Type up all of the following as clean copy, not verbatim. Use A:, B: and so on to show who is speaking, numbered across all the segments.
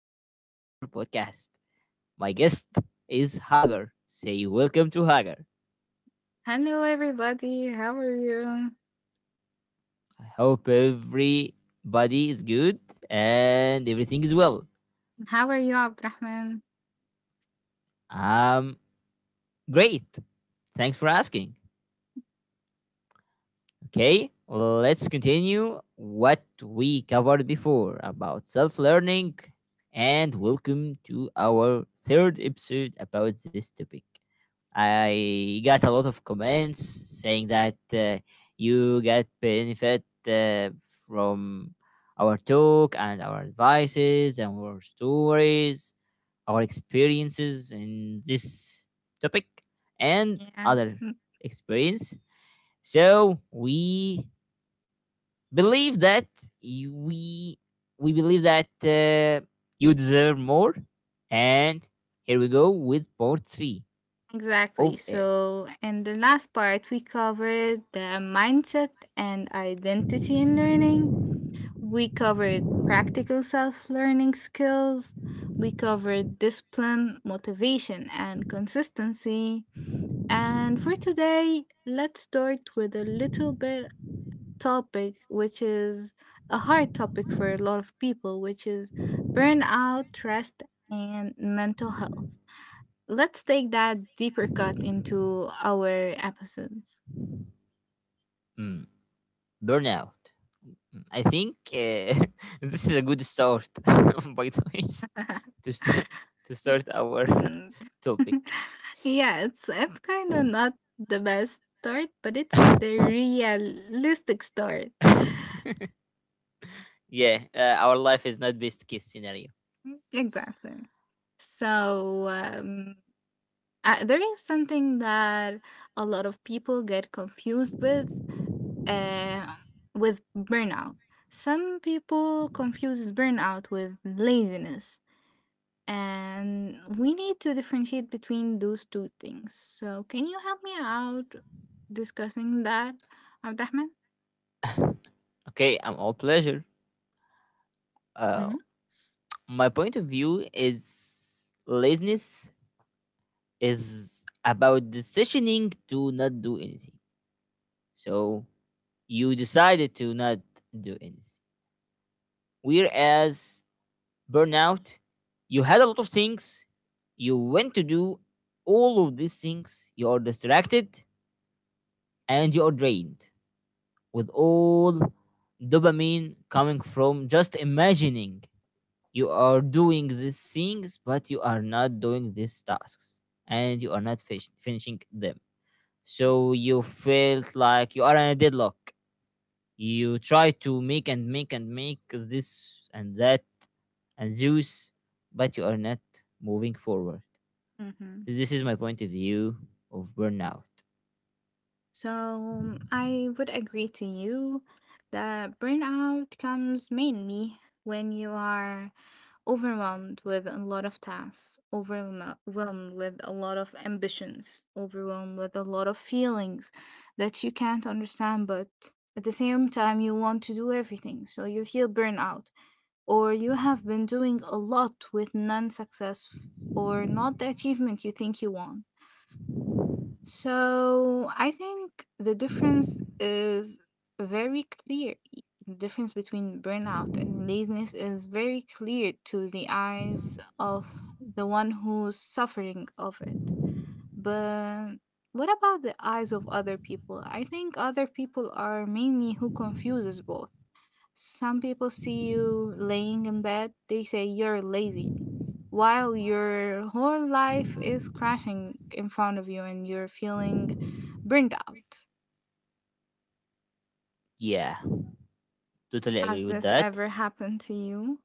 A: to our podcast. My guest is Hagar. Say welcome to Hagar.
B: Hello, everybody. How are you?
A: I hope everybody is good and everything is well.
B: How are you, Abdurrahman?
A: Um, Great. Thanks for asking. Okay, let's continue what we covered before about self learning. And welcome to our third episode about this topic. I got a lot of comments saying that you get benefit from our talk and our advices and our stories, our experiences in this topic and
B: Yeah,
A: other
B: mm,
A: experience. So we believe that you- we we believe that you deserve more, and here we go with part three
B: exactly.
A: of it.
B: So, in the last part, we covered the mindset and identity in learning. We covered practical self learning skills. We covered discipline, motivation, and consistency. And for today, let's start with a little bit topic, which is a hard topic for a lot of people, which is burnout, rest, and mental health. Let's take that deeper cut into our episodes.
A: Mm, Burnout. I think this is a good start, by the way, to st- to start our
B: Mm.
A: topic.
B: Yeah, it's kind of not the best start, but it's the realistic start.
A: Yeah, our life is not best case scenario.
B: Mm. Exactly. So there is something that a lot of people get confused uh, with burnout. Some people confuse burnout with laziness, and we need to differentiate between those two things. So, can you help me out discussing that, Abdurrahman?
A: Okay, I'm all pleasure. Uh, my point of view is laziness is about decisioning to not do anything. So you decided to not do anything. Whereas burnout, you had a lot of things you went to do, all of these things you are distracted and you are drained with all dopamine coming from just imagining you are doing these things, but you are not doing these tasks and you are not finishing them. So you felt like you are in a deadlock. You try to make and make and make this and that and Zeus, but you are not moving forward.
B: Mm-hmm.
A: This is my point of view of burnout.
B: So, I would agree to you that burnout comes mainly when you are overwhelmed with a lot of tasks, overwhelmed with a lot of ambitions, overwhelmed with a lot of feelings that you can't understand, but at the same time, you want to do everything. So you feel burnout, or you have been doing a lot with non success or not the achievement you think you want. So I think the difference is very clear. The difference between burnout and laziness is very clear to the eyes of the one who's suffering of it. But what about the eyes of other people? I think other people are mainly who confuses both. Some people see you laying in bed, they say you're lazy while your whole life is crashing in front of you and you're feeling burned out.
A: Yeah, totally
B: Has
A: agree with
B: this
A: that.
B: ever happened to you?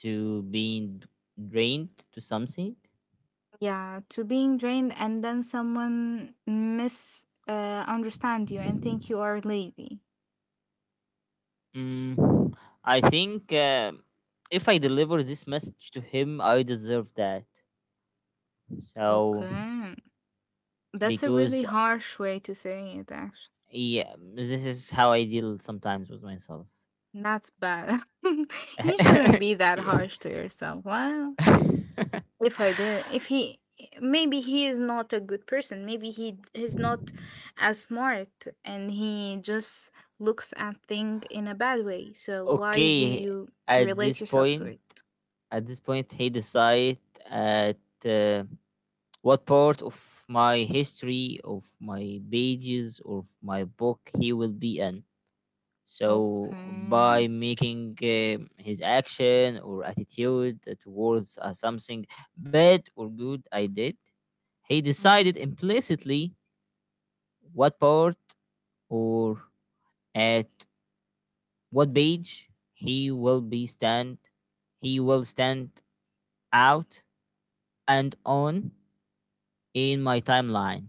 A: To being drained to something.
B: Yeah, to being drained and then someone mis understand you and think you are lazy.
A: Mm, I think if I deliver this message to him, I deserve that. So,
B: Okay, that's a
A: because
B: really harsh way to say it. Actually,
A: yeah, this is how I deal sometimes with myself.
B: that's bad. You shouldn't be that
A: Yeah.
B: harsh to yourself. Well, if I did, if he, maybe he is not a good person. Maybe he's not as smart, and he just looks at thing in a bad way. So why do
A: Okay,
B: you
A: at
B: relate
A: this
B: yourself to
A: point.
B: it?
A: At this point, he decide at uh, what part of my history, of my pages, or of my book he will be in. So, by
B: Okay.
A: making his action or attitude towards something bad or good I did, he
B: Mhm.
A: decided implicitly what part or at what page he will be stand, he will stand out and on in my timeline.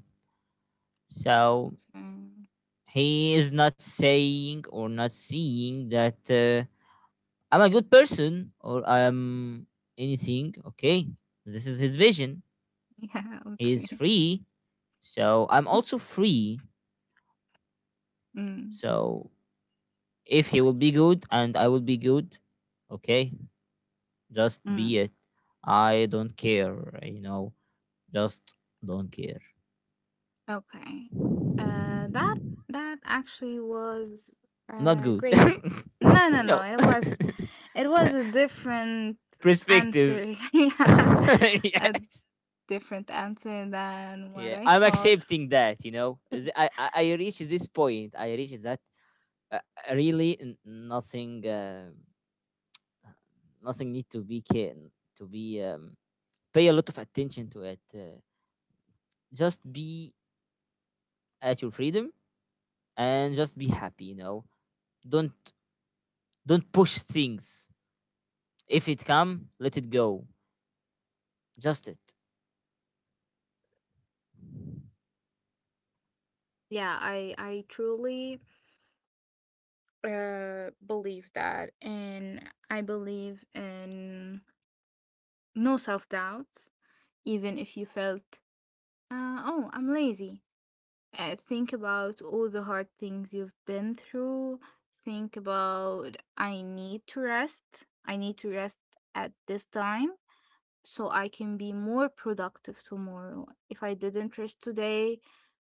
A: So
B: Okay.
A: he is not saying or not seeing that I'm a good person or I'm anything. Okay, this is his vision.
B: Yeah.
A: He is
B: Okay.
A: free, so I'm also free.
B: Mm,
A: So if he will be good and I will be good, okay, just be
B: mm.
A: it. I don't care, just don't care.
B: Okay. Uh, that that actually was
A: Not good.
B: great. No, no, no.
A: No.
B: It was a different
A: Perspective.
B: answer. Yeah. A
A: Yes.
B: different answer than what
A: Yeah,
B: I
A: I'm
B: thought.
A: accepting that. I reach this point. I reach that uh, really nothing, nothing need to be care to be pay a lot of attention to it. Just be at your freedom and just be happy. Don't don't push things. If it come, let it go. Just it.
B: Yeah, I truly believe that and I believe in no self-doubt even if you felt oh, I'm lazy. Think about all the hard things you've been through. Think about I need to rest. I need to rest at this time so I can be more productive tomorrow. If I didn't rest today,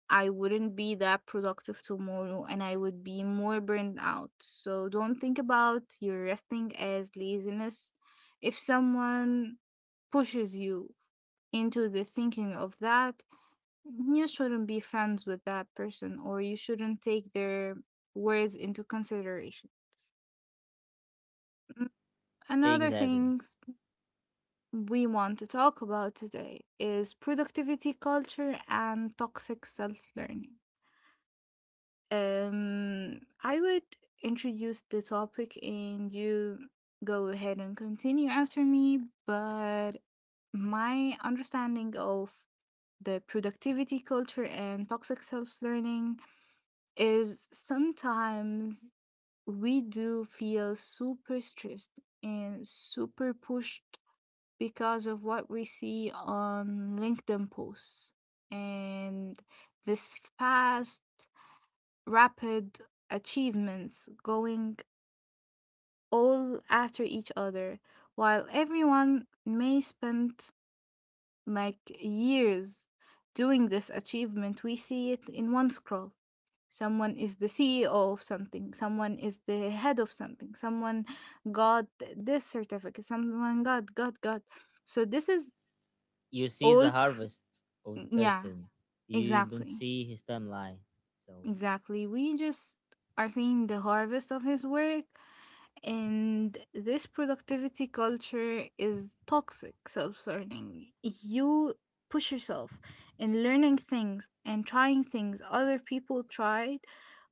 B: I wouldn't be that productive tomorrow and I would be more burned out. So don't think about your resting as laziness. If someone pushes you into the thinking of that, you shouldn't be friends with that person or you shouldn't take their words into consideration. Mm. Another
A: Exactly.
B: things. We want to talk about today is productivity culture and toxic self learning. I would introduce the topic and you go ahead and continue after me, but my understanding of the productivity culture and toxic self learning is sometimes we do feel super stressed and super pushed because of what we see on LinkedIn posts and this fast, rapid achievements going all after each other, while everyone may spend like years doing this achievement, we see it in one scroll. Someone is the CEO of something, someone is the head of something, someone got this certificate, someone got, got. So, this is
A: You see the
B: all.
A: harvest of the
B: Mm. Yeah,
A: person. You don't
B: exactly.
A: see his timeline. So
B: Exactly. We just are seeing the harvest of his work, and this productivity culture is toxic self learning. You push yourself in learning things and trying things other people tried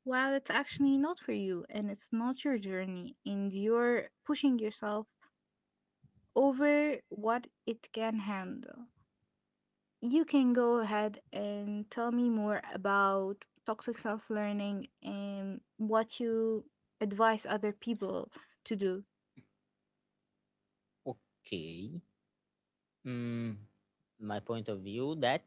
B: while it's actually not for you and it's not your journey, and you're pushing yourself over what it can handle. You can go ahead and tell me more about toxic self learning and what you advise other people to do.
A: okay. Mm, my point of view that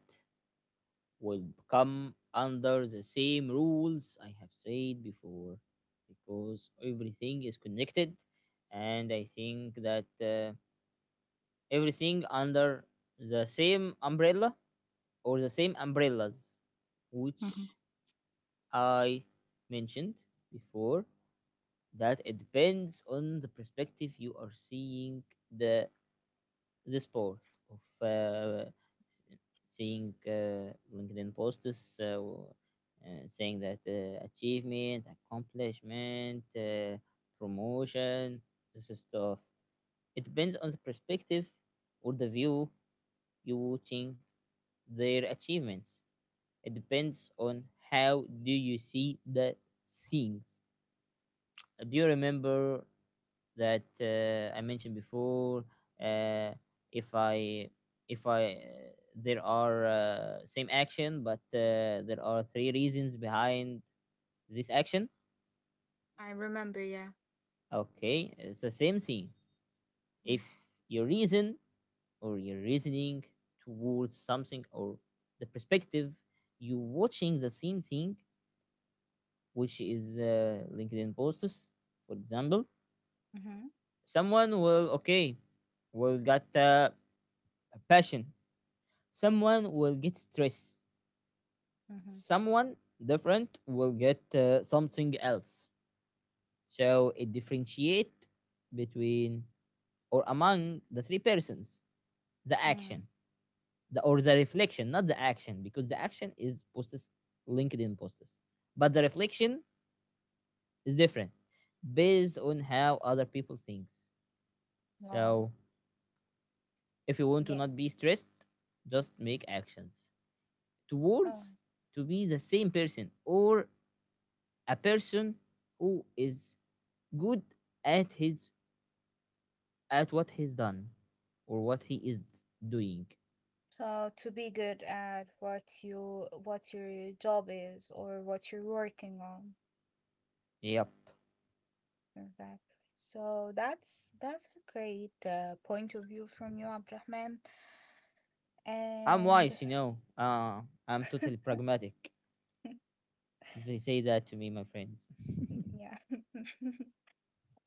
A: would come under the same rules I have said before, because everything is connected, and I think that everything under the same umbrella or the same umbrellas
B: Mhm.
A: which I mentioned before, that it depends on the perspective you are seeing the the sport of uh, seeing LinkedIn posts, saying that achievement, accomplishment, promotion, this stuff. It depends on the perspective or the view you watching their achievements. It depends on how do you see the things. Do you remember that I mentioned before? Uh, if I if I there are same action, but there are three reasons behind this action.
B: I remember, yeah.
A: Okay, it's the same thing.
B: Mm.
A: If your reason or your reasoning towards something or the perspective you watching the same thing, which is LinkedIn posts, for example,
B: Mm-hmm.
A: someone will okay, will got passion. Someone will get stress.
B: Mm-hmm.
A: Someone different will get something else. So it differentiate between or among the three persons the
B: Mm.
A: action the or the reflection, not the action, because the action is posts LinkedIn posts, but the reflection is different based on how other people thinks.
B: Wow.
A: So if you want to
B: Yeah.
A: not be stressed, just make actions
B: Oh.
A: towards to be the same person or a person who is good at his at what he's done or what he is doing.
B: So to be good at what you what your job is or what you're working on.
A: Yep.
B: Exactly. So that's a great point of view from you, Abdrahman.
A: I'm
B: And
A: wise, you know. I'm totally pragmatic. They say that to me, my friends.
B: mm, yeah,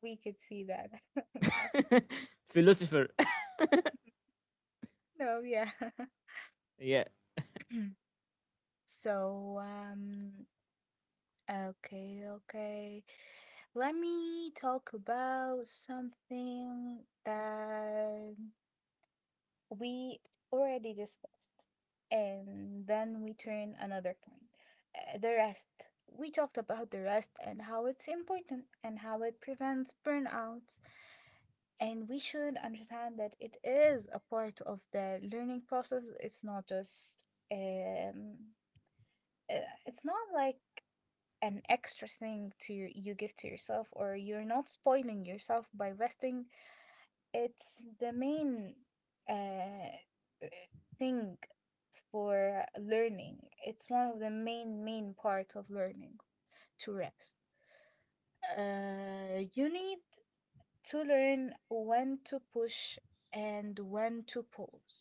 B: we could see that. Okay.
A: Philosopher.
B: No, yeah.
A: Yeah.
B: So, um, okay. Let me talk about something that we already discussed, and then we turn another point the rest. We talked about the rest and how it's important and how it prevents burnouts. And we should understand that it is a part of the learning process. Um, uh, it's not like an extra thing to your, you give to yourself, or you're not spoiling yourself by resting. It's the main uh, thing for learning. It's one of the main, main parts of learning to rest. You need to learn when to push and when to pause.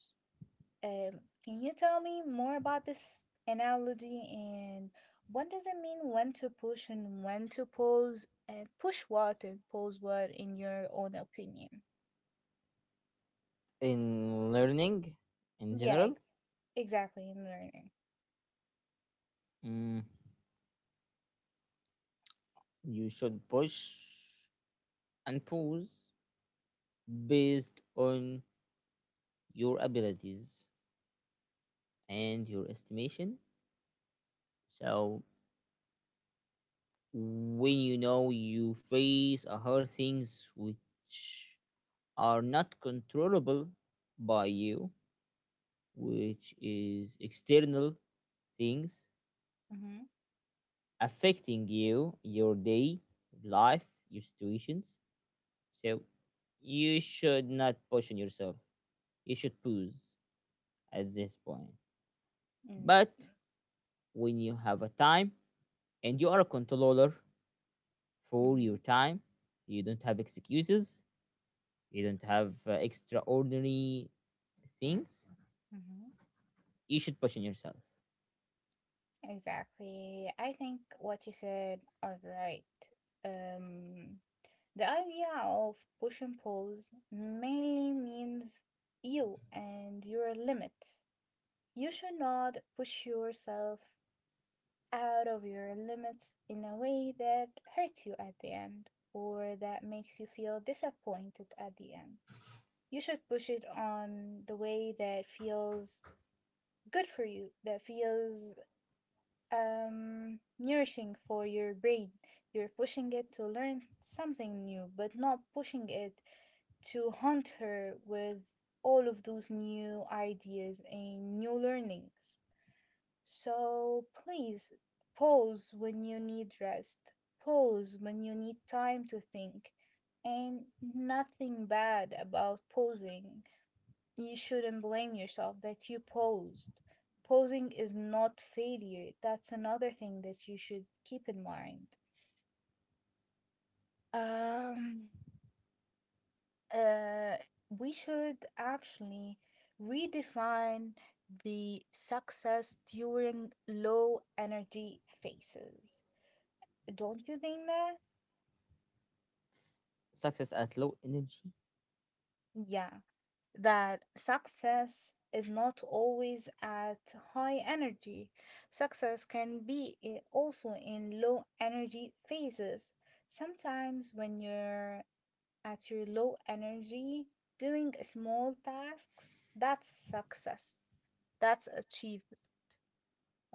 B: Can you tell me more about this analogy and what does it mean when to push and when to pause and push what and pause what in your own opinion?
A: In learning in
B: Yeah,
A: general,
B: exactly in learning.
A: mm, you should push and pause based on your abilities and your estimation. So when you know you face a hard things which are not controllable by you, which is external things
B: Mm-hmm.
A: affecting you your day life your situations, so you should not push on yourself. You should pause at this point,
B: Mm,
A: but when you have a time and you are a controller for
B: mm-hmm.
A: your time, you don't have excuses, you don't have extraordinary things,
B: Mm-hmm.
A: you should push on yourself.
B: Exactly. I think what you said are right. Um, the idea of push and pulls mainly means you and your limits. You should not push yourself out of your limits in a way that hurts you at the end or that makes you feel disappointed at the end. You should push it on the way that feels good for you that feels nourishing for your brain. You're pushing it to learn something new, but not pushing it to hunt her with all of those new ideas and new learnings. So please pause when you need rest, pause when you need time to think, and nothing bad about pausing. You shouldn't blame yourself that you posed. Posing is not failure. That's another thing that you should keep in mind. Um, uh, we should actually redefine the success during low energy phases. Don't you think that?
A: Success at low energy.
B: Yeah. That success is not always at high energy. Success can be also in low energy phases. Sometimes, when you're at your low energy, doing a small task, that's success. That's achievement,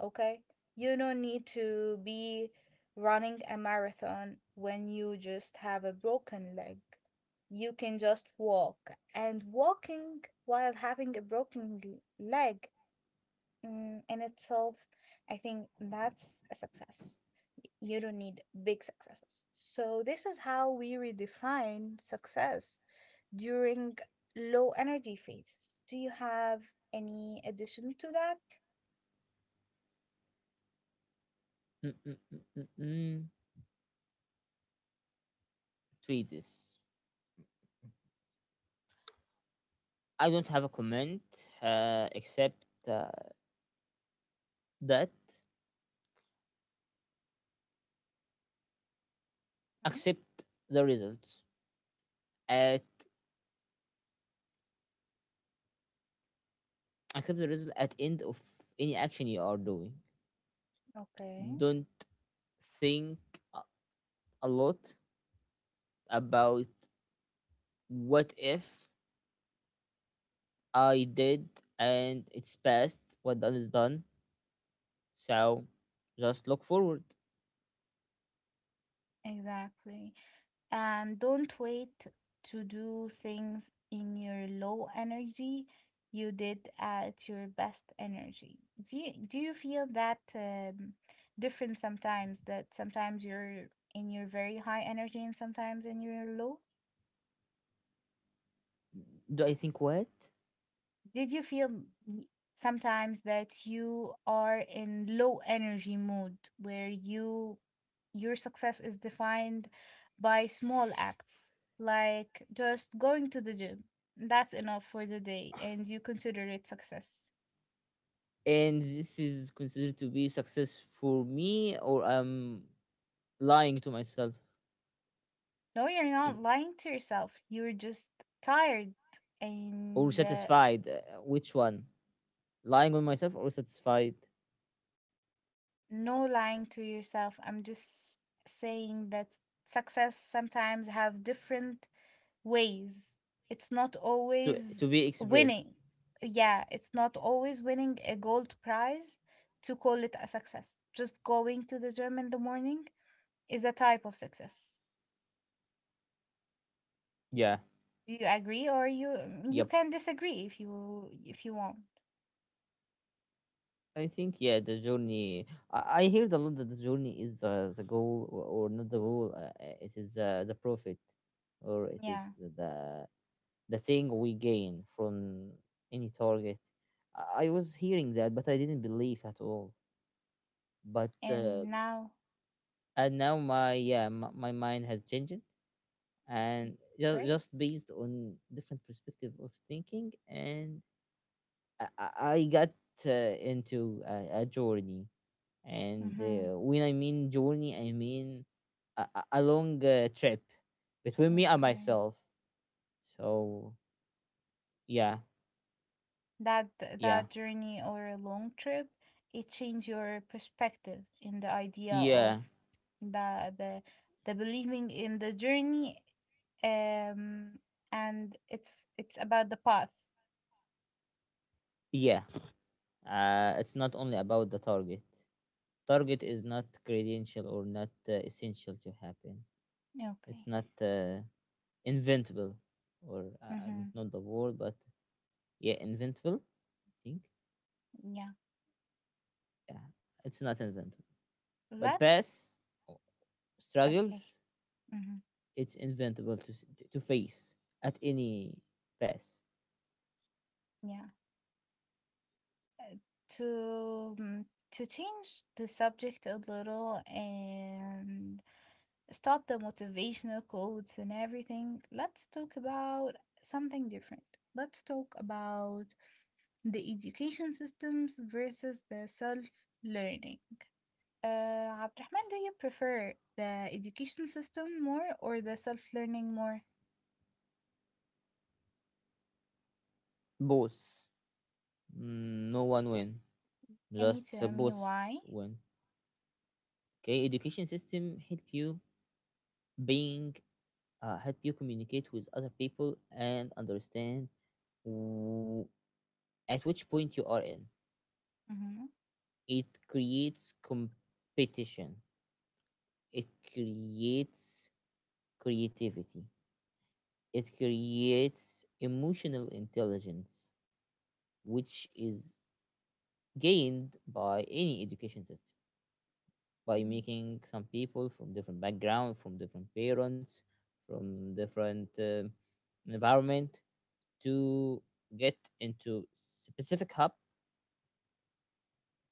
B: okay? You don't need to be running a marathon when you just have a broken leg. You can just walk. And walking while having a broken leg, in itself, I think that's a success. You don't need big successes. So, this is how we redefine success during low energy phases. Do you have any addition to that?
A: Mm-mm-mm-mm-mm. Tweezes. I don't have a comment except that
B: Mhm.
A: accept the results at accept the result at end of any action you are doing.
B: Okay.
A: Don't think a a lot about what if I did, and it's past, what done is done. So just look forward.
B: Exactly. And don't wait to do things in your low energy. You did at your best energy. Do you feel that different sometimes? That sometimes you're in your very high energy and sometimes in your low?
A: Do I think what?
B: Did you feel y- sometimes that you are in low energy mode where you your success is defined by small acts like just going to the gym that's enough for the day and you consider it success?
A: And this is considered to be success for me, or I'm lying to myself,
B: No, you're
A: I-
B: not lying to yourself, you're just tired
A: or
B: and
A: satisfied? Which one? Lying on myself or satisfied?
B: no, lying to yourself, I'm just saying that success sometimes have different ways. It's not
A: To be
B: always
A: expressed.
B: winning. Yeah, it's not always winning a gold prize to call it a success. Just going to the gym in the morning is a type of success.
A: Yeah.
B: Do you agree or you
A: Yep.
B: can disagree if you want.
A: I think yeah, the journey. I heard a lot that the journey is the goal or not the goal. It is the profit, or it is
B: Yeah.
A: the the thing we gain from any target. I was hearing that, but I didn't believe at all. But
B: And now,
A: and now my yeah my mind has changed, and
B: great.
A: just based on different perspective of thinking, and I, I I got into a journey. And
B: Mm-hmm.
A: when I mean journey, I mean a long trip between me and
B: Okay.
A: myself. So yeah,
B: That
A: yeah,
B: that journey or a long trip, it changed your perspective in the idea of
A: yeah,
B: the the the believing in the journey, um, and it's about the path.
A: yeah. It's not only about the target. Target is not credential or not essential to happen.
B: Okay.
A: It's not inventable, or I don't
B: Mm-hmm.
A: know the word, but yeah, inventable. I think
B: Yeah.
A: yeah, it's not inventable. But
B: Let's,
A: pass
B: okay,
A: struggles,
B: mm-hmm.
A: it's inventable to face at any pass.
B: Yeah, to to change the subject a little and stop the motivational quotes and everything, let's talk about something different. Let's talk about the education systems versus the self learning. Uh, Abdurrahman, do you prefer the education system more or the self learning more?
A: Both, no one win,
B: Can you
A: just
B: tell me
A: both
B: why?
A: win. Okay, education system help you being help you communicate with other people and understand w- at which point you are in. It creates competition, it creates creativity, it creates emotional intelligence, which is gained by any education system by
B: Mm-hmm.
A: making some people from different background, from different parents, from different environment to get into specific hub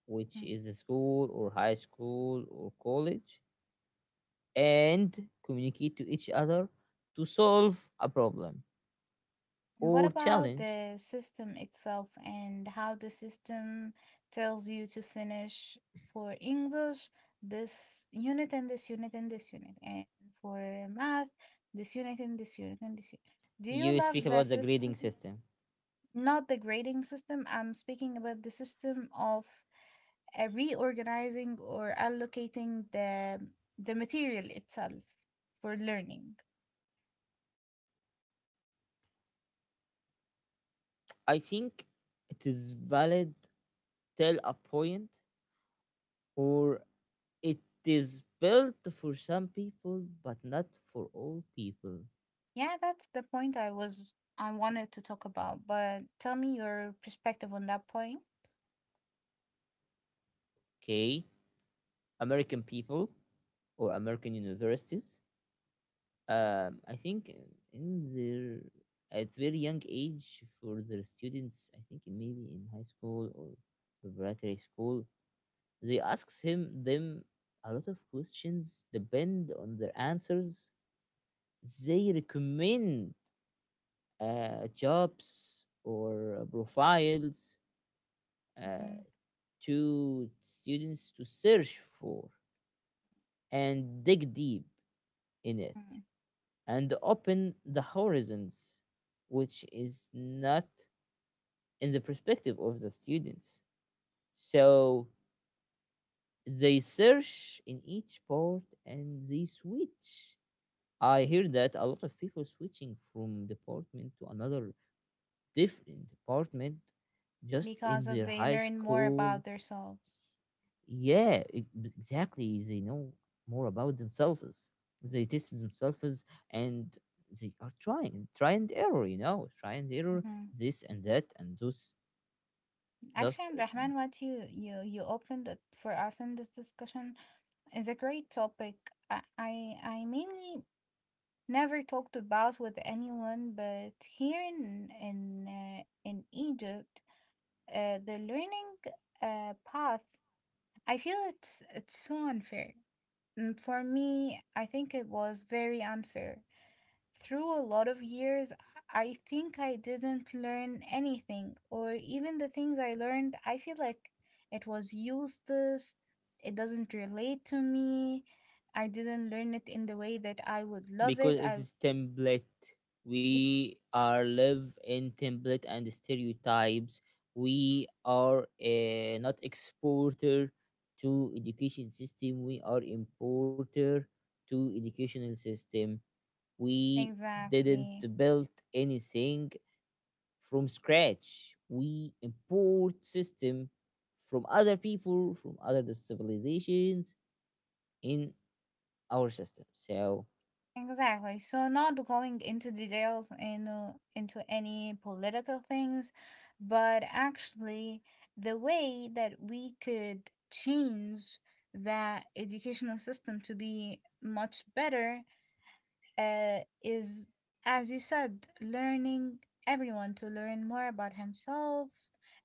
A: which is a school or high school or college, and communicate to each other to solve a problem
B: And what
A: or
B: about
A: challenge.
B: the system itself and how the system tells you to finish for English, this unit and this unit and this unit, and for math, this unit and this unit and this unit. Do you
A: You
B: love
A: speak
B: the
A: about the
B: system?
A: grading system.
B: Not the grading system. I'm speaking about the system of reorganizing or allocating the material itself for learning.
A: I think it is valid till a point, or it is built for some people but not for all people.
B: Yeah, that's the point I was I wanted to talk about, but tell me your perspective on that point.
A: Okay, American people or American universities. I think in their at very young age for their students, I think maybe in high school or preparatory school, they asks him them a lot of questions. Depend on their answers, they recommend jobs or profiles
B: Hmm.
A: uh, to students to search for and dig deep in it, and open the horizons, which is not in the perspective of the students. So they search in each port and they switch. I hear that a lot of people switching from department to another different department just in
B: Because of
A: their
B: they
A: high
B: learn more
A: school.
B: about themselves.
A: Exactly. They know more about themselves. They test themselves and they are trying. Try and error, you know. Try and error
B: Hmm.
A: this and that and those
B: Actually,
A: just
B: Abdurrahman, what you opened it for us in this discussion is a great topic. I mainly never talked about with anyone, but here in Egypt, the learning path, I feel it's so unfair. Mm. For me, I think it was very unfair. Through a lot of years, I think I didn't learn anything, or even the things I learned, I feel like it was useless. It doesn't relate to me. I didn't learn it in the way that I would love
A: because
B: it.
A: it
B: I
A: is template.
B: it's
A: We are live in template and stereotypes. We are not exporter to education system. We are importer to educational system. We didn't
B: Exactly.
A: build anything from scratch. We import system from other people, from other civilizations in our system. So
B: Exactly. So not going into details and into any political things, but actually the way that we could change the educational system to be much better is, as you said, learning everyone to learn more about himself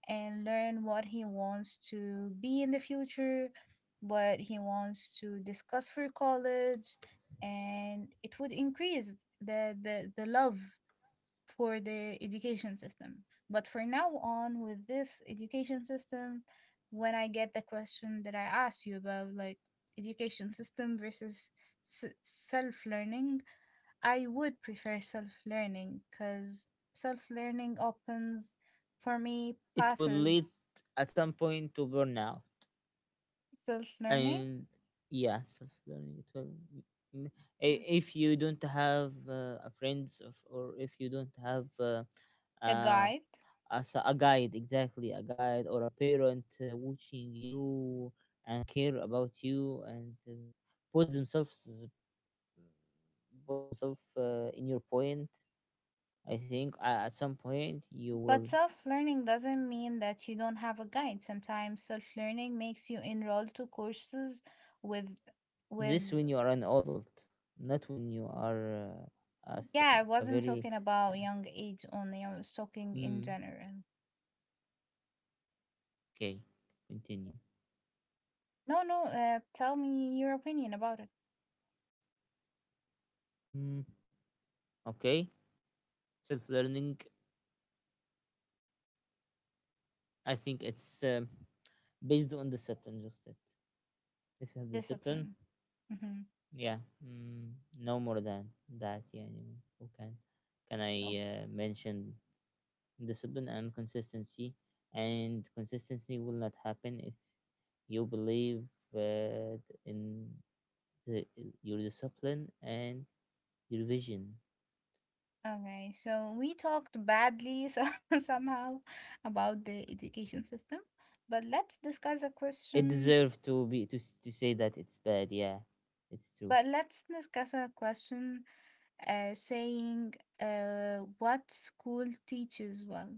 B: and learn what he wants to be in the future, what he wants to discuss for college, and it would increase the love for the education system. But for now on, with this education system, when I get the question that I asked you about, like education system versus self learning, I would prefer self learning because self learning opens for me
A: it will lead
B: paths.
A: at some point to burnout.
B: Self learning,
A: And yeah, self-learning it will m- I- if you don't have a friends of, or if you don't have
B: a
A: a
B: guide.
A: a guide, exactly a guide or a parent watching you and care about you and put themselves put themselves in your point. I think at some point you will.
B: But self learning doesn't mean that you don't have a guide. Sometimes self learning makes you enroll to courses with,
A: This when
B: with,
A: you are an adult, not when you are
B: yeah, I
A: a
B: wasn't
A: very
B: talking about
A: uh,
B: young age only, I was talking in
A: mm,
B: general.
A: okay, continue.
B: No, no, tell me your opinion about it.
A: mm, okay, self-learning, I think it's based on discipline, just it. If you have discipline.
B: Discipline. Mm-hmm.
A: Yeah, mm, no more than that. Yeah, anyone who can I mention discipline and consistency? And consistency will not happen if you believe uh, in the, your discipline and your vision.
B: Okay, so we talked badly so somehow about the education system, but let's discuss a
A: It
B: question.
A: deserves to be to say that it's bad. Yeah, it's true.
B: But let's discuss a question saying what school teaches well.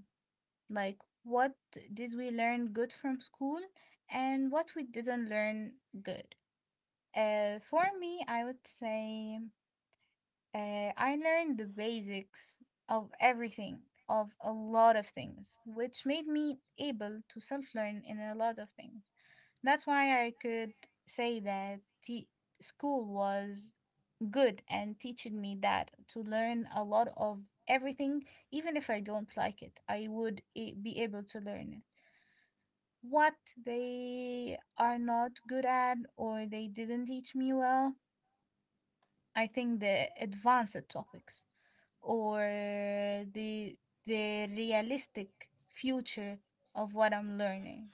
B: Like, what did we learn good from school and what we didn't learn good? For me, I would say I learned the basics of everything, of a lot of things, which made me able to self learn in a lot of things. That's why I could say that school was good and teaching me that to learn a lot of everything, even if I don't like it, I would be able to learn it. What they are not good at or they didn't teach me well, I think the advanced topics or the the realistic future of what I'm learning.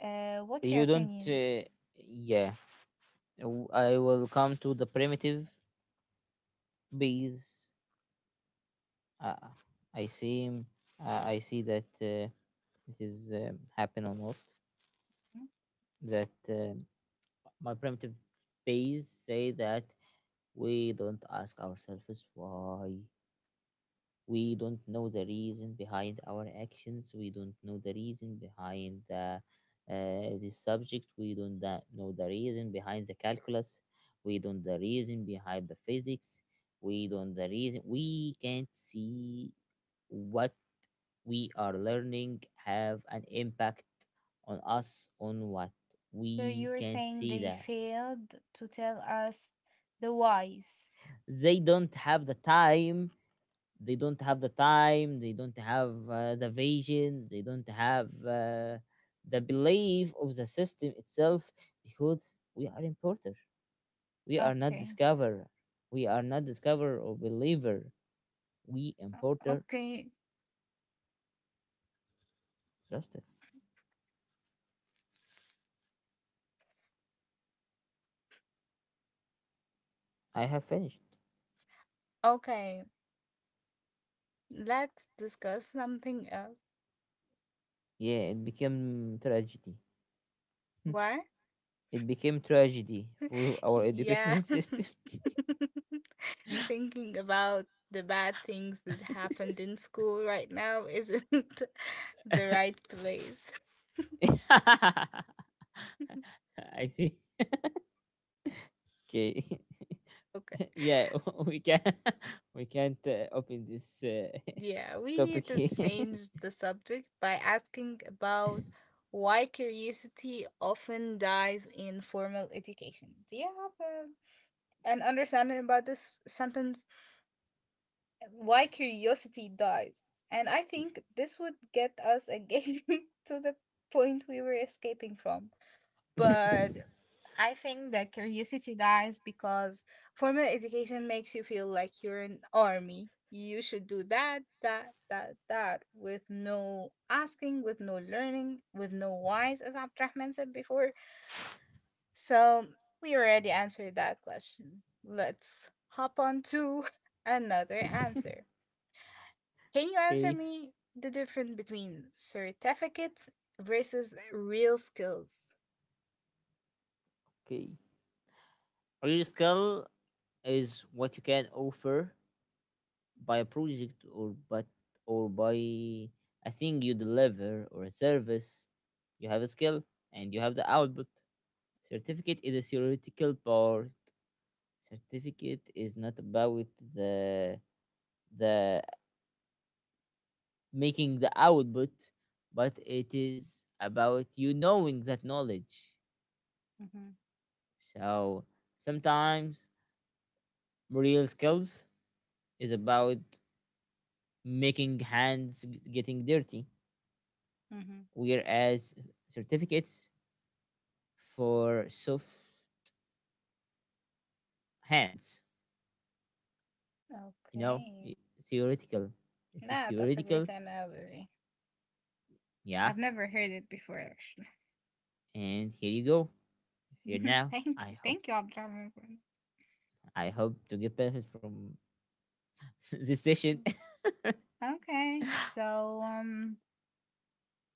B: What's
A: You
B: your
A: don't.
B: opinion?
A: Yeah, I will come to the primitive base. Uh, I see. I see that. This is happen or not
B: Mhm.
A: that my primitive base say that we don't ask ourselves why. We don't know the reason behind our actions. We don't know the reason behind the this subject. We don't know the reason behind the calculus. We don't the reason behind the physics. We don't the reason. We can't see what we are learning have an impact on us on what
B: So you
A: we
B: were
A: can
B: saying
A: see
B: they
A: that
B: failed to tell us the whys.
A: they don't have the time they don't have the time they don't have the vision, they don't have the belief of the system itself, because we are importer, we are not
B: Okay.
A: discoverer, or believer, we importer
B: Okay.
A: justice. I have finished.
B: Okay. Let's discuss something else.
A: Yeah, it became tragedy.
B: What?
A: It became tragedy for our
B: Yeah.
A: educational system.
B: Thinking about the bad things that happened in school right now isn't the right place.
A: I see. Okay.
B: Okay.
A: Yeah, we can we can't open this
B: Yeah, we
A: topic
B: need to
A: here.
B: change the subject by asking about why curiosity often dies in formal education. Do you have an understanding about this sentence? Why curiosity dies? And I think this would get us again to the point we were escaping from. But I think that curiosity dies because formal education makes you feel like you're an army. You should do that, that, that, that, with no asking, with no learning, with no whys, as Abdurrahman said before. So we already answered that question. Let's hop on to another answer. Can you answer
A: Okay,
B: me the difference between certificates versus real skills?
A: okay. Your skill is what you can offer by a project or by a thing you deliver, or a service. You have a skill, and you have the output. Certificate is a theoretical part. Certificate is not about the the making the output, but it is about you knowing that knowledge.
B: Mm-hmm.
A: So sometimes real skills is about making hands, getting dirty,
B: Mm-hmm.
A: whereas certificates for soft hands, you know
B: Okay.
A: theoretical. This is
B: Nah, that's a
A: theoretical.
B: great analogy.
A: Yeah,
B: I've never heard it before, actually.
A: and here you go, here now.
B: Thank
A: I
B: you.
A: hope
B: Thank you, Abdurrahman, for that.
A: to get benefit from this session.
B: Okay, so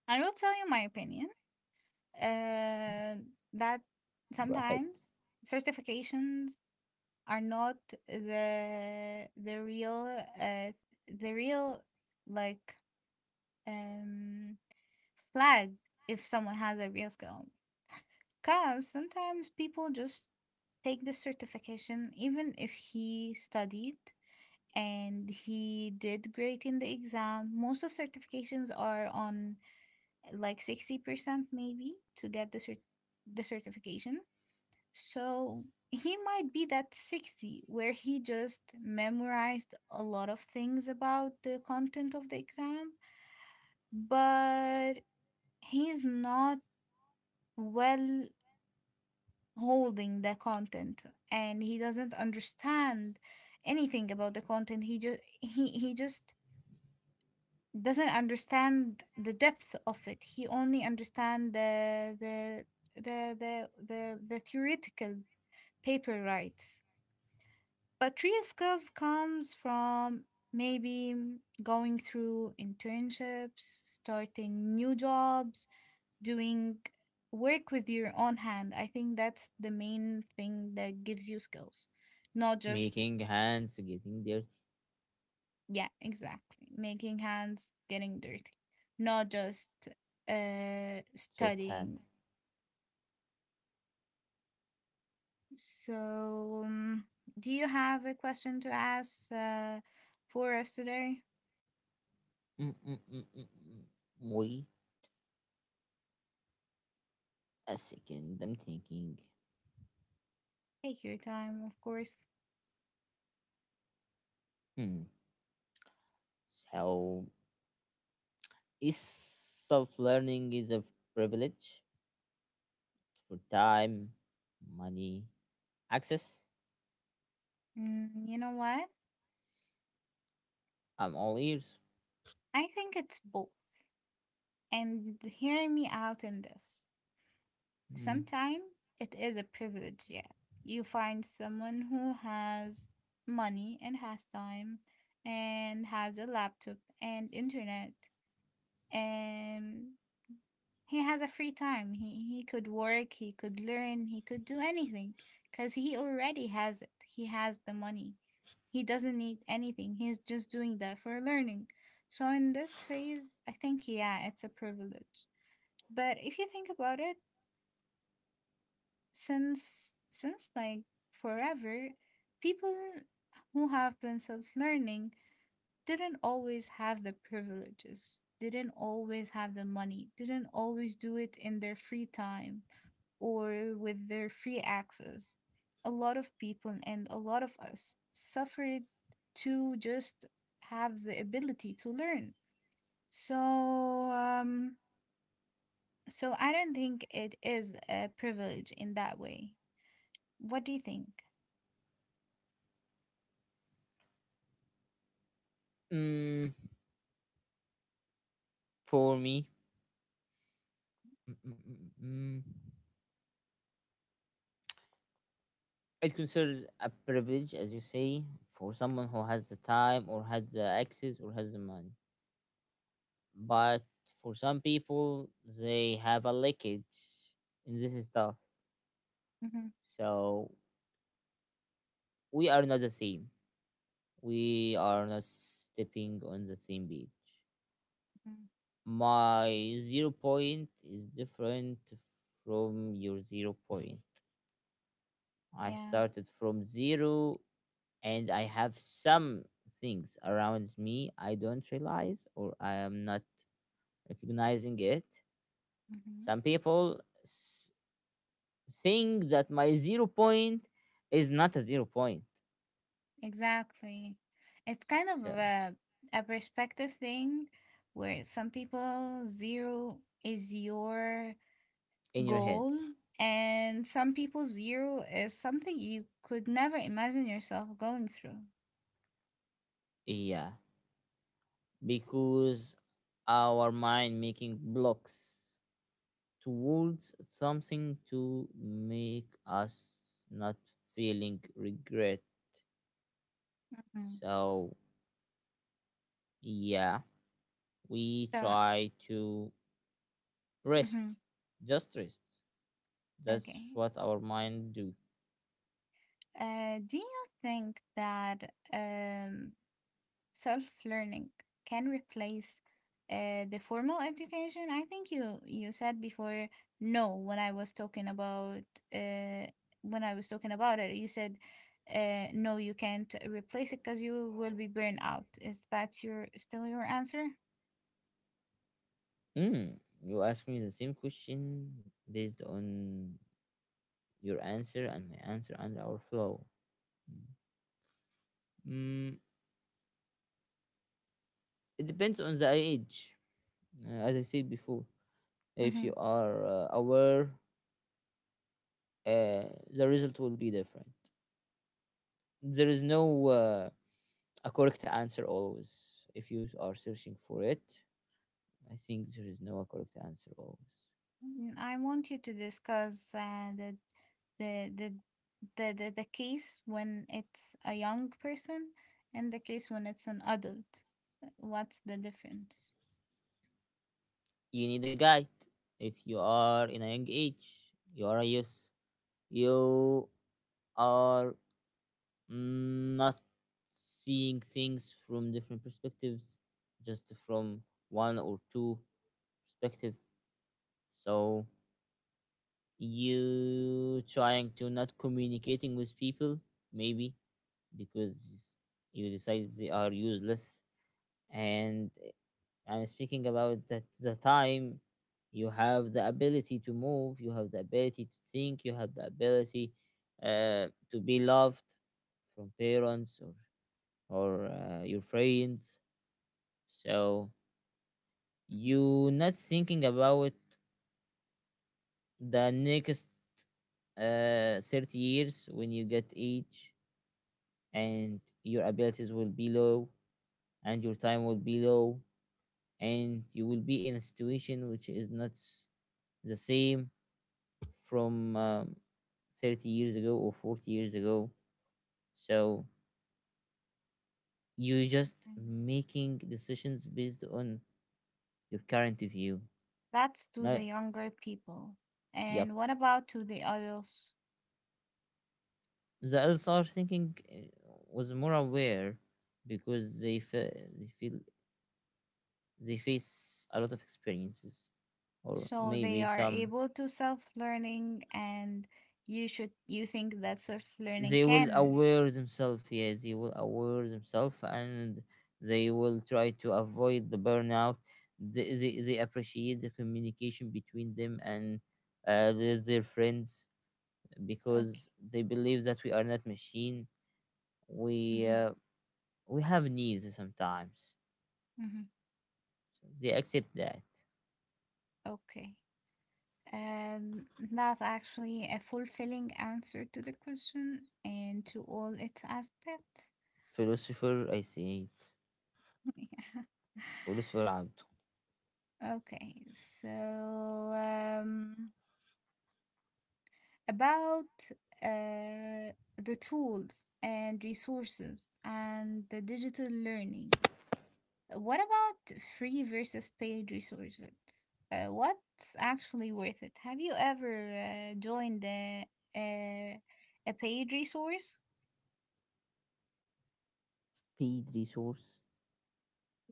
B: I will tell you my opinion uh, that
A: Go ahead.
B: sometimes certifications are not the the real uh, the real like um flag if someone has a real skill because sometimes people just take this certification, even if he studied and he did great in the exam. Most of certifications are on like 60% maybe to get the certification. So he might be that 60 where he just memorized a lot of things about the content of the exam, but he's not well holding the content and he doesn't understand anything about the content he just doesn't understand the depth of it. He only understand the theoretical paper rights. But real skills comes from maybe going through internships, starting new jobs, doing work with your own hand. I think that's the main thing that gives you skills, not just,
A: Making hands getting dirty.
B: yeah, exactly, making hands, getting dirty, not just
A: Soft
B: studying.
A: hands.
B: So, do you have a question to ask for us today?
A: Mm. Wait a second. I'm thinking.
B: Take your time, of course.
A: Hmm. So is self learning is a privilege for time, money, access.
B: You know what?
A: I'm all ears.
B: I think it's both. And hear me out in this.
A: Mm.
B: Sometimes it is a privilege, yeah. You find someone who has money and has time and has a laptop and internet and he has a free time. He could work, he could learn, he could do anything cuz he already has it. He has the money. He doesn't need anything. He's just doing that for learning. So in this phase, I think yeah, it's a privilege. But if you think about it, since like forever, people who have been self-learning didn't always have the privileges, didn't always have the money, didn't always do it in their free time or with their free access. A lot of people and a lot of us suffered to just have the ability to learn. So um so I don't think it is a privilege in that way. What do you think?
A: Mm, for me. Mm, mm, mm, mm. mm. It's considered a privilege, as you say, for someone who has the time, or has the access, or has the money. But for some people, they have a leakage in this stuff.
B: Mhm,
A: So we are not the same. We are not stepping on the same beach.
B: mhm.
A: My zero point is different from your zero point. I
B: Yeah.
A: started from zero, and I have some things around me I don't realize, or I am not recognizing it.
B: Mhm.
A: Some people think that my zero point is not a zero point.
B: Exactly. It's kind of
A: So
B: a perspective thing where some people zero is your
A: in your head,
B: goal and some people zero is something you could never imagine yourself going through.
A: yeah, because our mind making blocks towards something to make us not feeling regret.
B: Mhm.
A: So yeah, we
B: So,
A: try to
B: mhm.
A: rest. Just rest. That's
B: Okay.
A: what our mind do.
B: Do you think that self learning can replace the formal education? I think you said before no when I was talking uh, about it. You said no, you can't replace it because you will be burned out. Is that your still your answer?
A: Mm. You ask me the same question based on your answer and my answer and our flow. Mm. It depends on the age. As I said before, if you
B: Mm-hmm.
A: are aware, the result will be different. There is no a correct answer always. If you are searching for it, I think there is no correct answer always.
B: I want you to discuss the the the case when it's a young person and the case when it's an adult. What's the difference?
A: You need a guide. If you are in a young age, you are a youth. You are not seeing things from different perspectives, just from one or two perspective. So you trying to not communicating with people, maybe because you decide they are useless. And I'm speaking about that the time you have the ability to move, you have the ability to think, you have the ability to be loved from parents, or your friends. So you not thinking about the next 30 years when you get age, and your abilities will be low, and your time will be low, and you will be in a situation which is not the same from 30 years ago or 40 years ago. So you just making decisions based on your current view.
B: That's to the
A: Not,
B: younger people.
A: yep.
B: And what about to the adults?
A: The LSR thinking was more aware, because they feel they face a lot of experiences, or
B: So they
A: maybe
B: are
A: some
B: able to self-learning and you think that self-learning
A: they will
B: can
A: aware themselves yeah they will aware themselves and they will try to avoid the burnout. They appreciate the communication between them and their friends,
B: okay.
A: because they believe that we are not machine. we
B: Hmm.
A: uh, we have needs sometimes.
B: Hmm.
A: They accept that.
B: Okay. And that's actually a fulfilling answer to the question and to all its aspects.
A: Philosopher, I think.
B: Yeah.
A: Philosopher Abd.
B: Okay. So about the tools and resources and the digital learning. What about free versus paid resources? What's actually worth it? Have you ever joined a, paid resource?
A: Paid resource.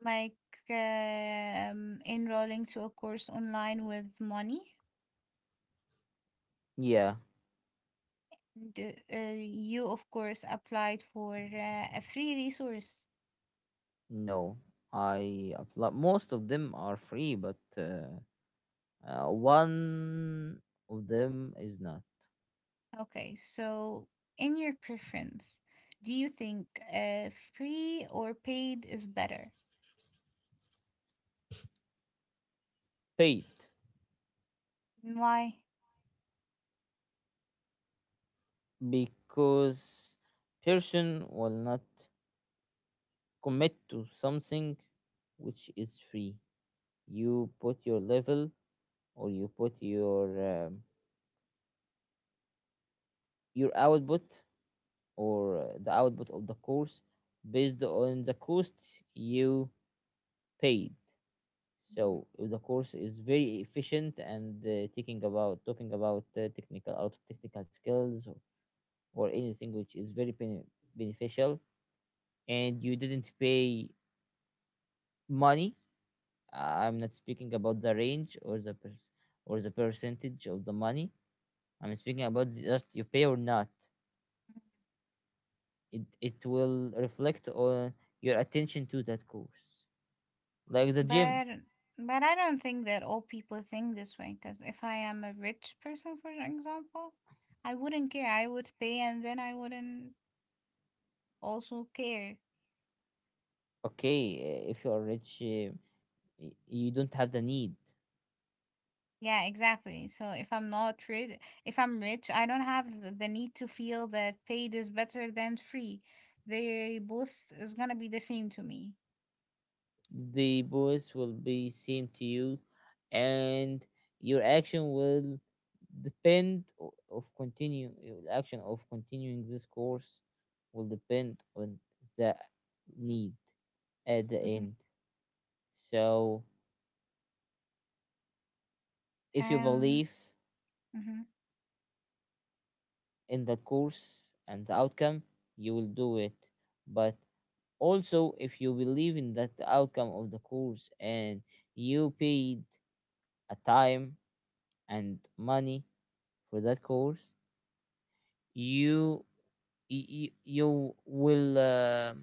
B: Like enrolling to a course online with money?
A: Yeah,
B: Do you, of course, applied for a free resource.
A: no, I most of them are free, but one of them is not.
B: Okay, so in your preference, do you think free or paid is better?
A: Paid,
B: Why?
A: because person will not commit to something which is free. You put your level, or you put your um, your output, or the output of the course based on the cost you paid. So if the course is very efficient and taking about talking about technical, out of technical skills, or anything which is very beneficial, and you didn't pay money. I'm not speaking about the range, or the percentage of the money. I'm speaking about just you pay or not. It will reflect on your attention to that course, like the gym.
B: But but I don't think that all people think this way. Because if I am a rich person, for example, I wouldn't care. I would pay, and then I wouldn't also care.
A: Okay. If you are rich, you don't have the need.
B: Yeah, exactly. So if I'm not rich, if I'm rich, I don't have the need to feel that paid is better than free. They both is gonna be the same to me.
A: The voice will be same to you, and your action will depend o- of continue, your action of continuing this course will depend on the need at the
B: Hmm.
A: end. So if you
B: Um.
A: believe
B: Mhm.
A: in that course and the outcome, you will do it. But also if you believe in that the outcome of the course, and you paid a time and money for that course, you you will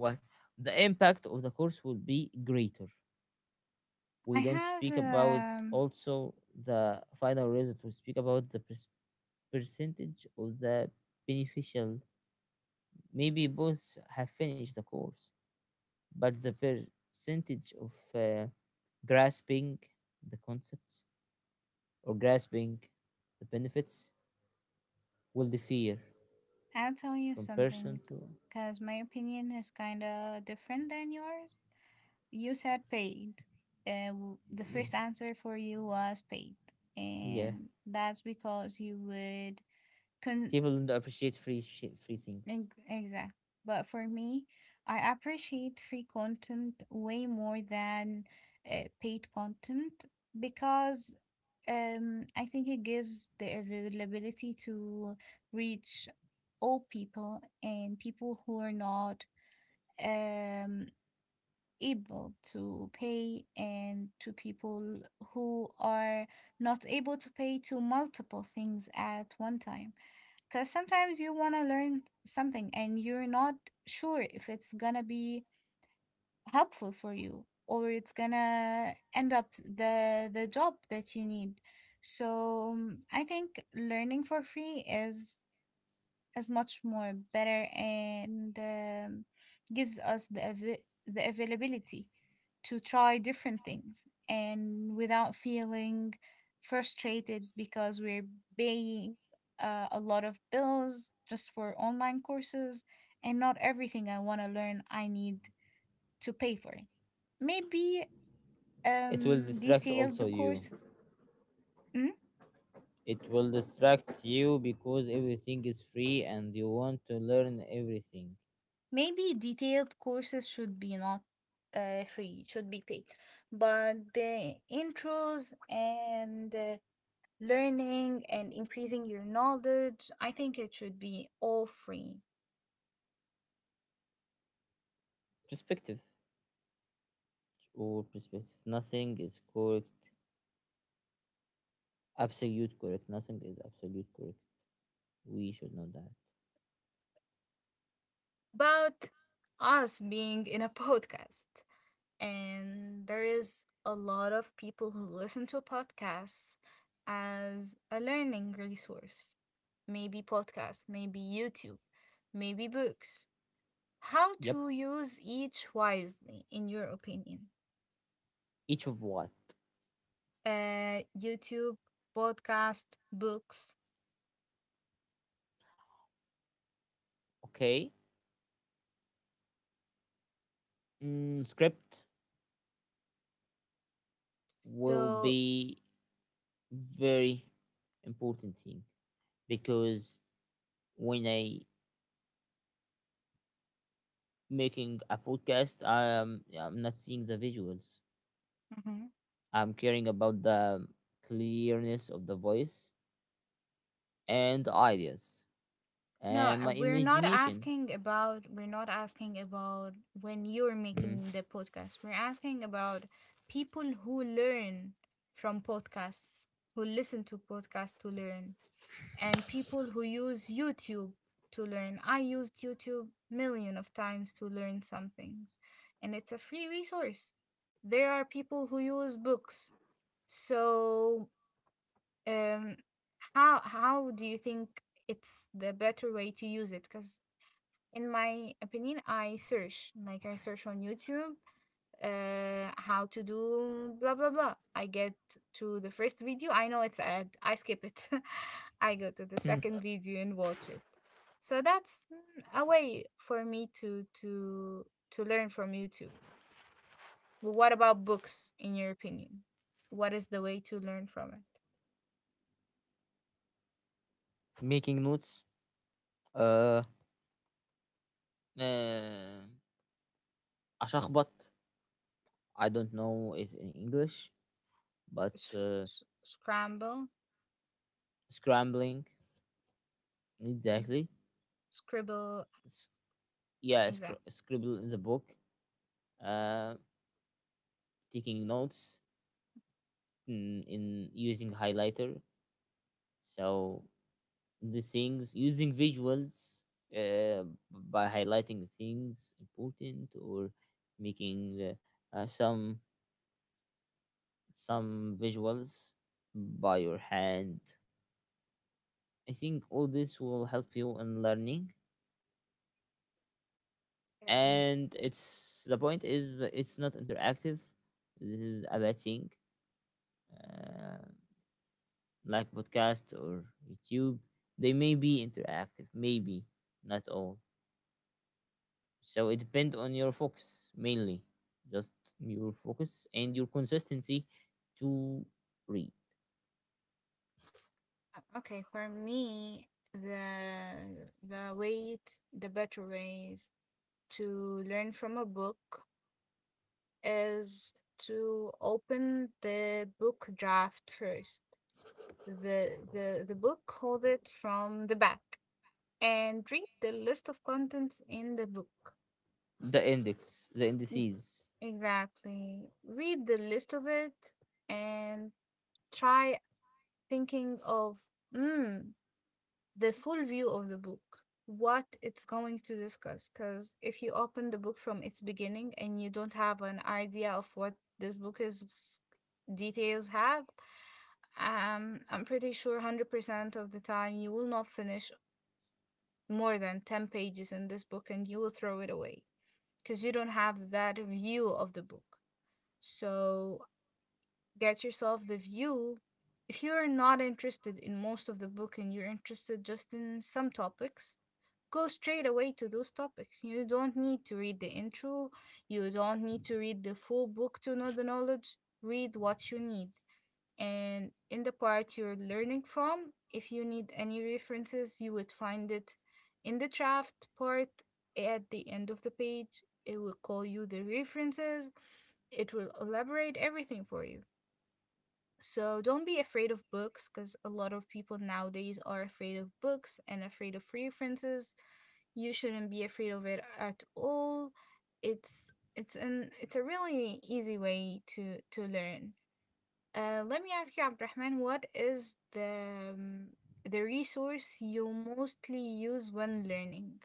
A: what the impact of the course will be greater. We
B: I
A: don't
B: have,
A: speak about
B: um,
A: also the final result. We speak about percentage of the beneficial. Maybe both have finished the course, but the percentage of grasping the concepts or grasping the benefits will differ
B: I'll tell you
A: from person
B: something
A: to.
B: because my opinion is kind of different than yours. You said paid. The
A: Yeah,
B: first answer for you was paid.
A: yeah.
B: And that's because you would. con-
A: People don't appreciate free things.
B: Exact. But for me, I appreciate free content way more than paid content because I think it gives the availability to reach all people and people who are not um, able to pay, and to people who are not able to pay to multiple things at one time. Because sometimes you want to learn something and you're not sure if it's gonna be helpful for you or it's gonna end up the job that you need. So I think learning for free is much more better and gives us the availability to try different things and without feeling frustrated because we're paying a lot of bills just for online courses and not everything I want to learn I need to pay for it. Maybe
A: It will distract
B: detailed
A: also you.
B: course. Mhm.
A: It will distract you, because everything is free and you want to learn everything.
B: Maybe detailed courses should be not free, it should be paid. But the intros and learning and increasing your knowledge, I think it should be all free.
A: Perspective or perspective. Nothing is correct. Absolute correct. Nothing is absolute correct. We should know that.
B: About us being in a podcast, and there is a lot of people who listen to podcasts as a learning resource. Maybe podcast, maybe YouTube, maybe books. How
A: Yep.
B: to use each wisely, in your opinion?
A: Each of what?
B: YouTube, podcast, books.
A: Okay. Script will
B: So,
A: be very important thing, because when I making a podcast, yeah, I'm not seeing the visuals.
B: Mhm.
A: I'm caring about the clearness of the voice, and the ideas,
B: No,
A: and my
B: we're not
A: imagination.
B: asking about when you're
A: Mm,
B: making the podcast. We're asking about people who learn from podcasts, who listen to podcasts to learn. And people who use YouTube to learn. I used YouTube million of times to learn some things, and it's a free resource. There are people who use books. So, um, how do you think it's the better way to use it? Because in my opinion, I search on YouTube how to do blah blah blah. I get to the first video, I know it's ad, I skip it. I go to the
A: mm.
B: second video and watch it. So that's a way for me to learn from YouTube. But what about books, in your opinion? What is the way to learn from it?
A: Making notes. Uh, uh, أشخبط. I don't know it in English, but
B: Sh- Scramble,
A: scrambling,
B: Mm,
A: exactly.
B: scribble,
A: S- yeah,
B: exactly.
A: scribble in the book. Uh, Taking notes, in using highlighter. So the things using visuals, uh, by highlighting the things important, or making uh, uh, some some visuals by your hand. I think all this will help you in learning, and it's the point is it's not interactive. This is a bad thing. uh, like podcast or YouTube, they may be interactive, maybe not all. So it depends on your focus mainly, just your focus and your consistency to read.
B: Okay, for me, the better ways to learn from a book is to open the book draft first. The book hold it from the back and read the list of contents in the book.
A: The index, the
B: N-
A: indices.
B: Exactly. Read the list of it and try thinking of, mm, the full view of the book, what it's going to discuss. Because if you open the book from its beginning and you don't have an idea of what this book is details have, I'm pretty sure 100% of the time you will not finish more than 10 pages in this book and you will throw it away because you don't have that view of the book. So get yourself the view. If you're not interested in most of the book and you're interested just in some topics, go straight away to those topics. You don't need to read the intro, you don't need to read the full book to know the knowledge. Read what you need. And in the part you're learning from, if you need any references, you would find it in the draft part at the end of the page. It will call you the references, it will elaborate everything for you. So don't be afraid of books because a lot of people nowadays are afraid of books and afraid of references. You shouldn't be afraid of it at all. It's it's an it's a really easy way to learn. Let me ask you, Abdurrahman, what is the resource you mostly use when learning.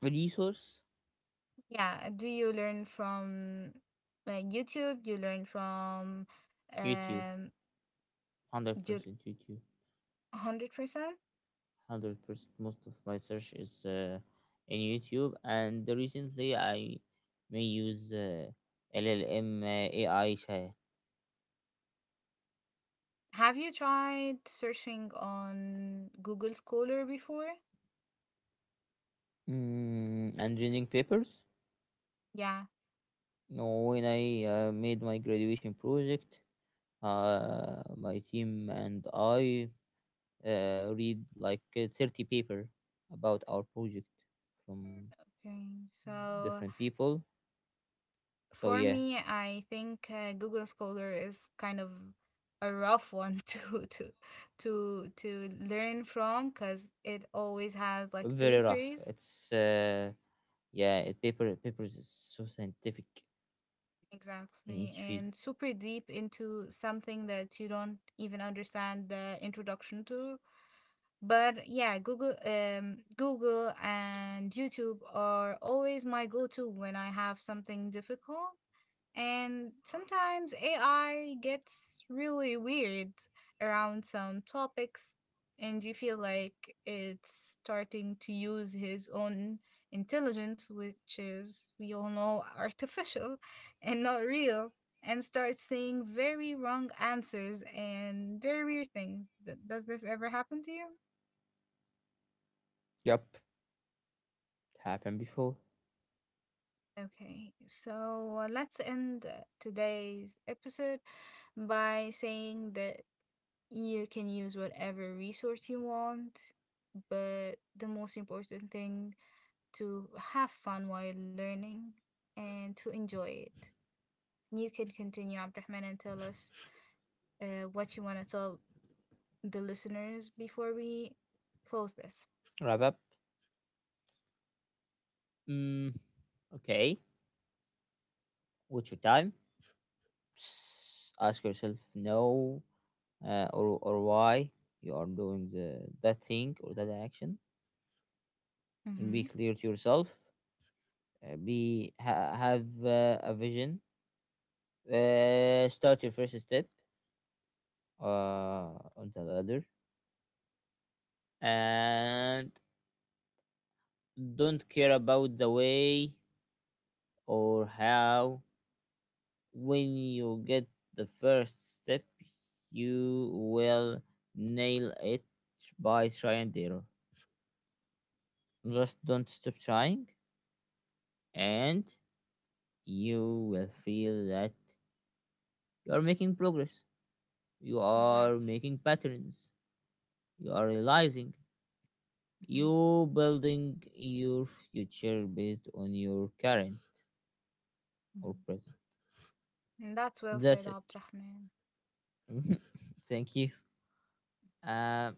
A: Resource.
B: Yeah, do you learn from YouTube? Do you learn from
A: YouTube,
B: um
A: one hundred
B: do
A: percent YouTube,
B: 100%?
A: 100%. Most of my search is in YouTube, and recently I may use LLM AI chat,
B: Have you tried searching on Google Scholar before?
A: and reading papers.
B: Yeah.
A: No, when I made my graduation project, my team and I read like 30 paper about our project from
B: Okay.
A: different
B: So
A: people. So
B: for
A: yeah,
B: me, I think Google Scholar is kind of a rough one to learn from because it always has
A: very
B: like
A: rough.
B: papers,
A: It's yeah, it paper papers is so scientific in each
B: exactly,
A: field.
B: and super deep into something that you don't even understand the introduction to. But yeah, Google and YouTube are always my go-to when I have something difficult. And sometimes AI gets really weird around some topics, and you feel like it's starting to use his own intelligence, which is, we all know, artificial, and not real, and start saying very wrong answers and very weird things. Does this ever happen to you?
A: Yep, happened before.
B: Okay, so let's end today's episode by saying that you can use whatever resource you want, but the most important thing to have fun while learning and to enjoy it. You can continue, Abdurrahman, and tell us what you want to tell the listeners before we close this.
A: Wrap up. Mm, okay, what's your time? Psst, ask yourself no, or or why you are doing the that thing or that action. Be
B: Mm-hmm.
A: clear to yourself. Have a vision. Start your first step on the ladder, and don't care about the way or how. When you get the first step, you will nail it by try and error. Just don't stop trying, and you will feel that you are making progress. You are
B: Exactly.
A: making patterns. You are realizing.
B: Mm-hmm.
A: You building your future based on your current or
B: Hmm.
A: present.
B: That's well
A: That's
B: said,
A: it.
B: Abdurrahman.
A: Thank you. um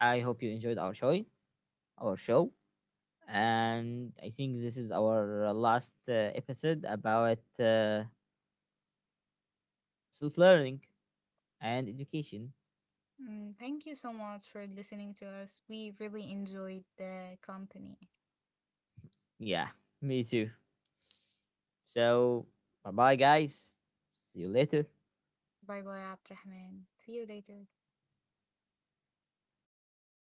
A: I hope you enjoyed our show And I think this is our last episode about self-learning and education.
B: Thank you so much for listening to us. We really enjoyed the company.
A: Yeah, me too. So, bye bye guys, see you later.
B: Bye bye, Abdurrahman. See you later.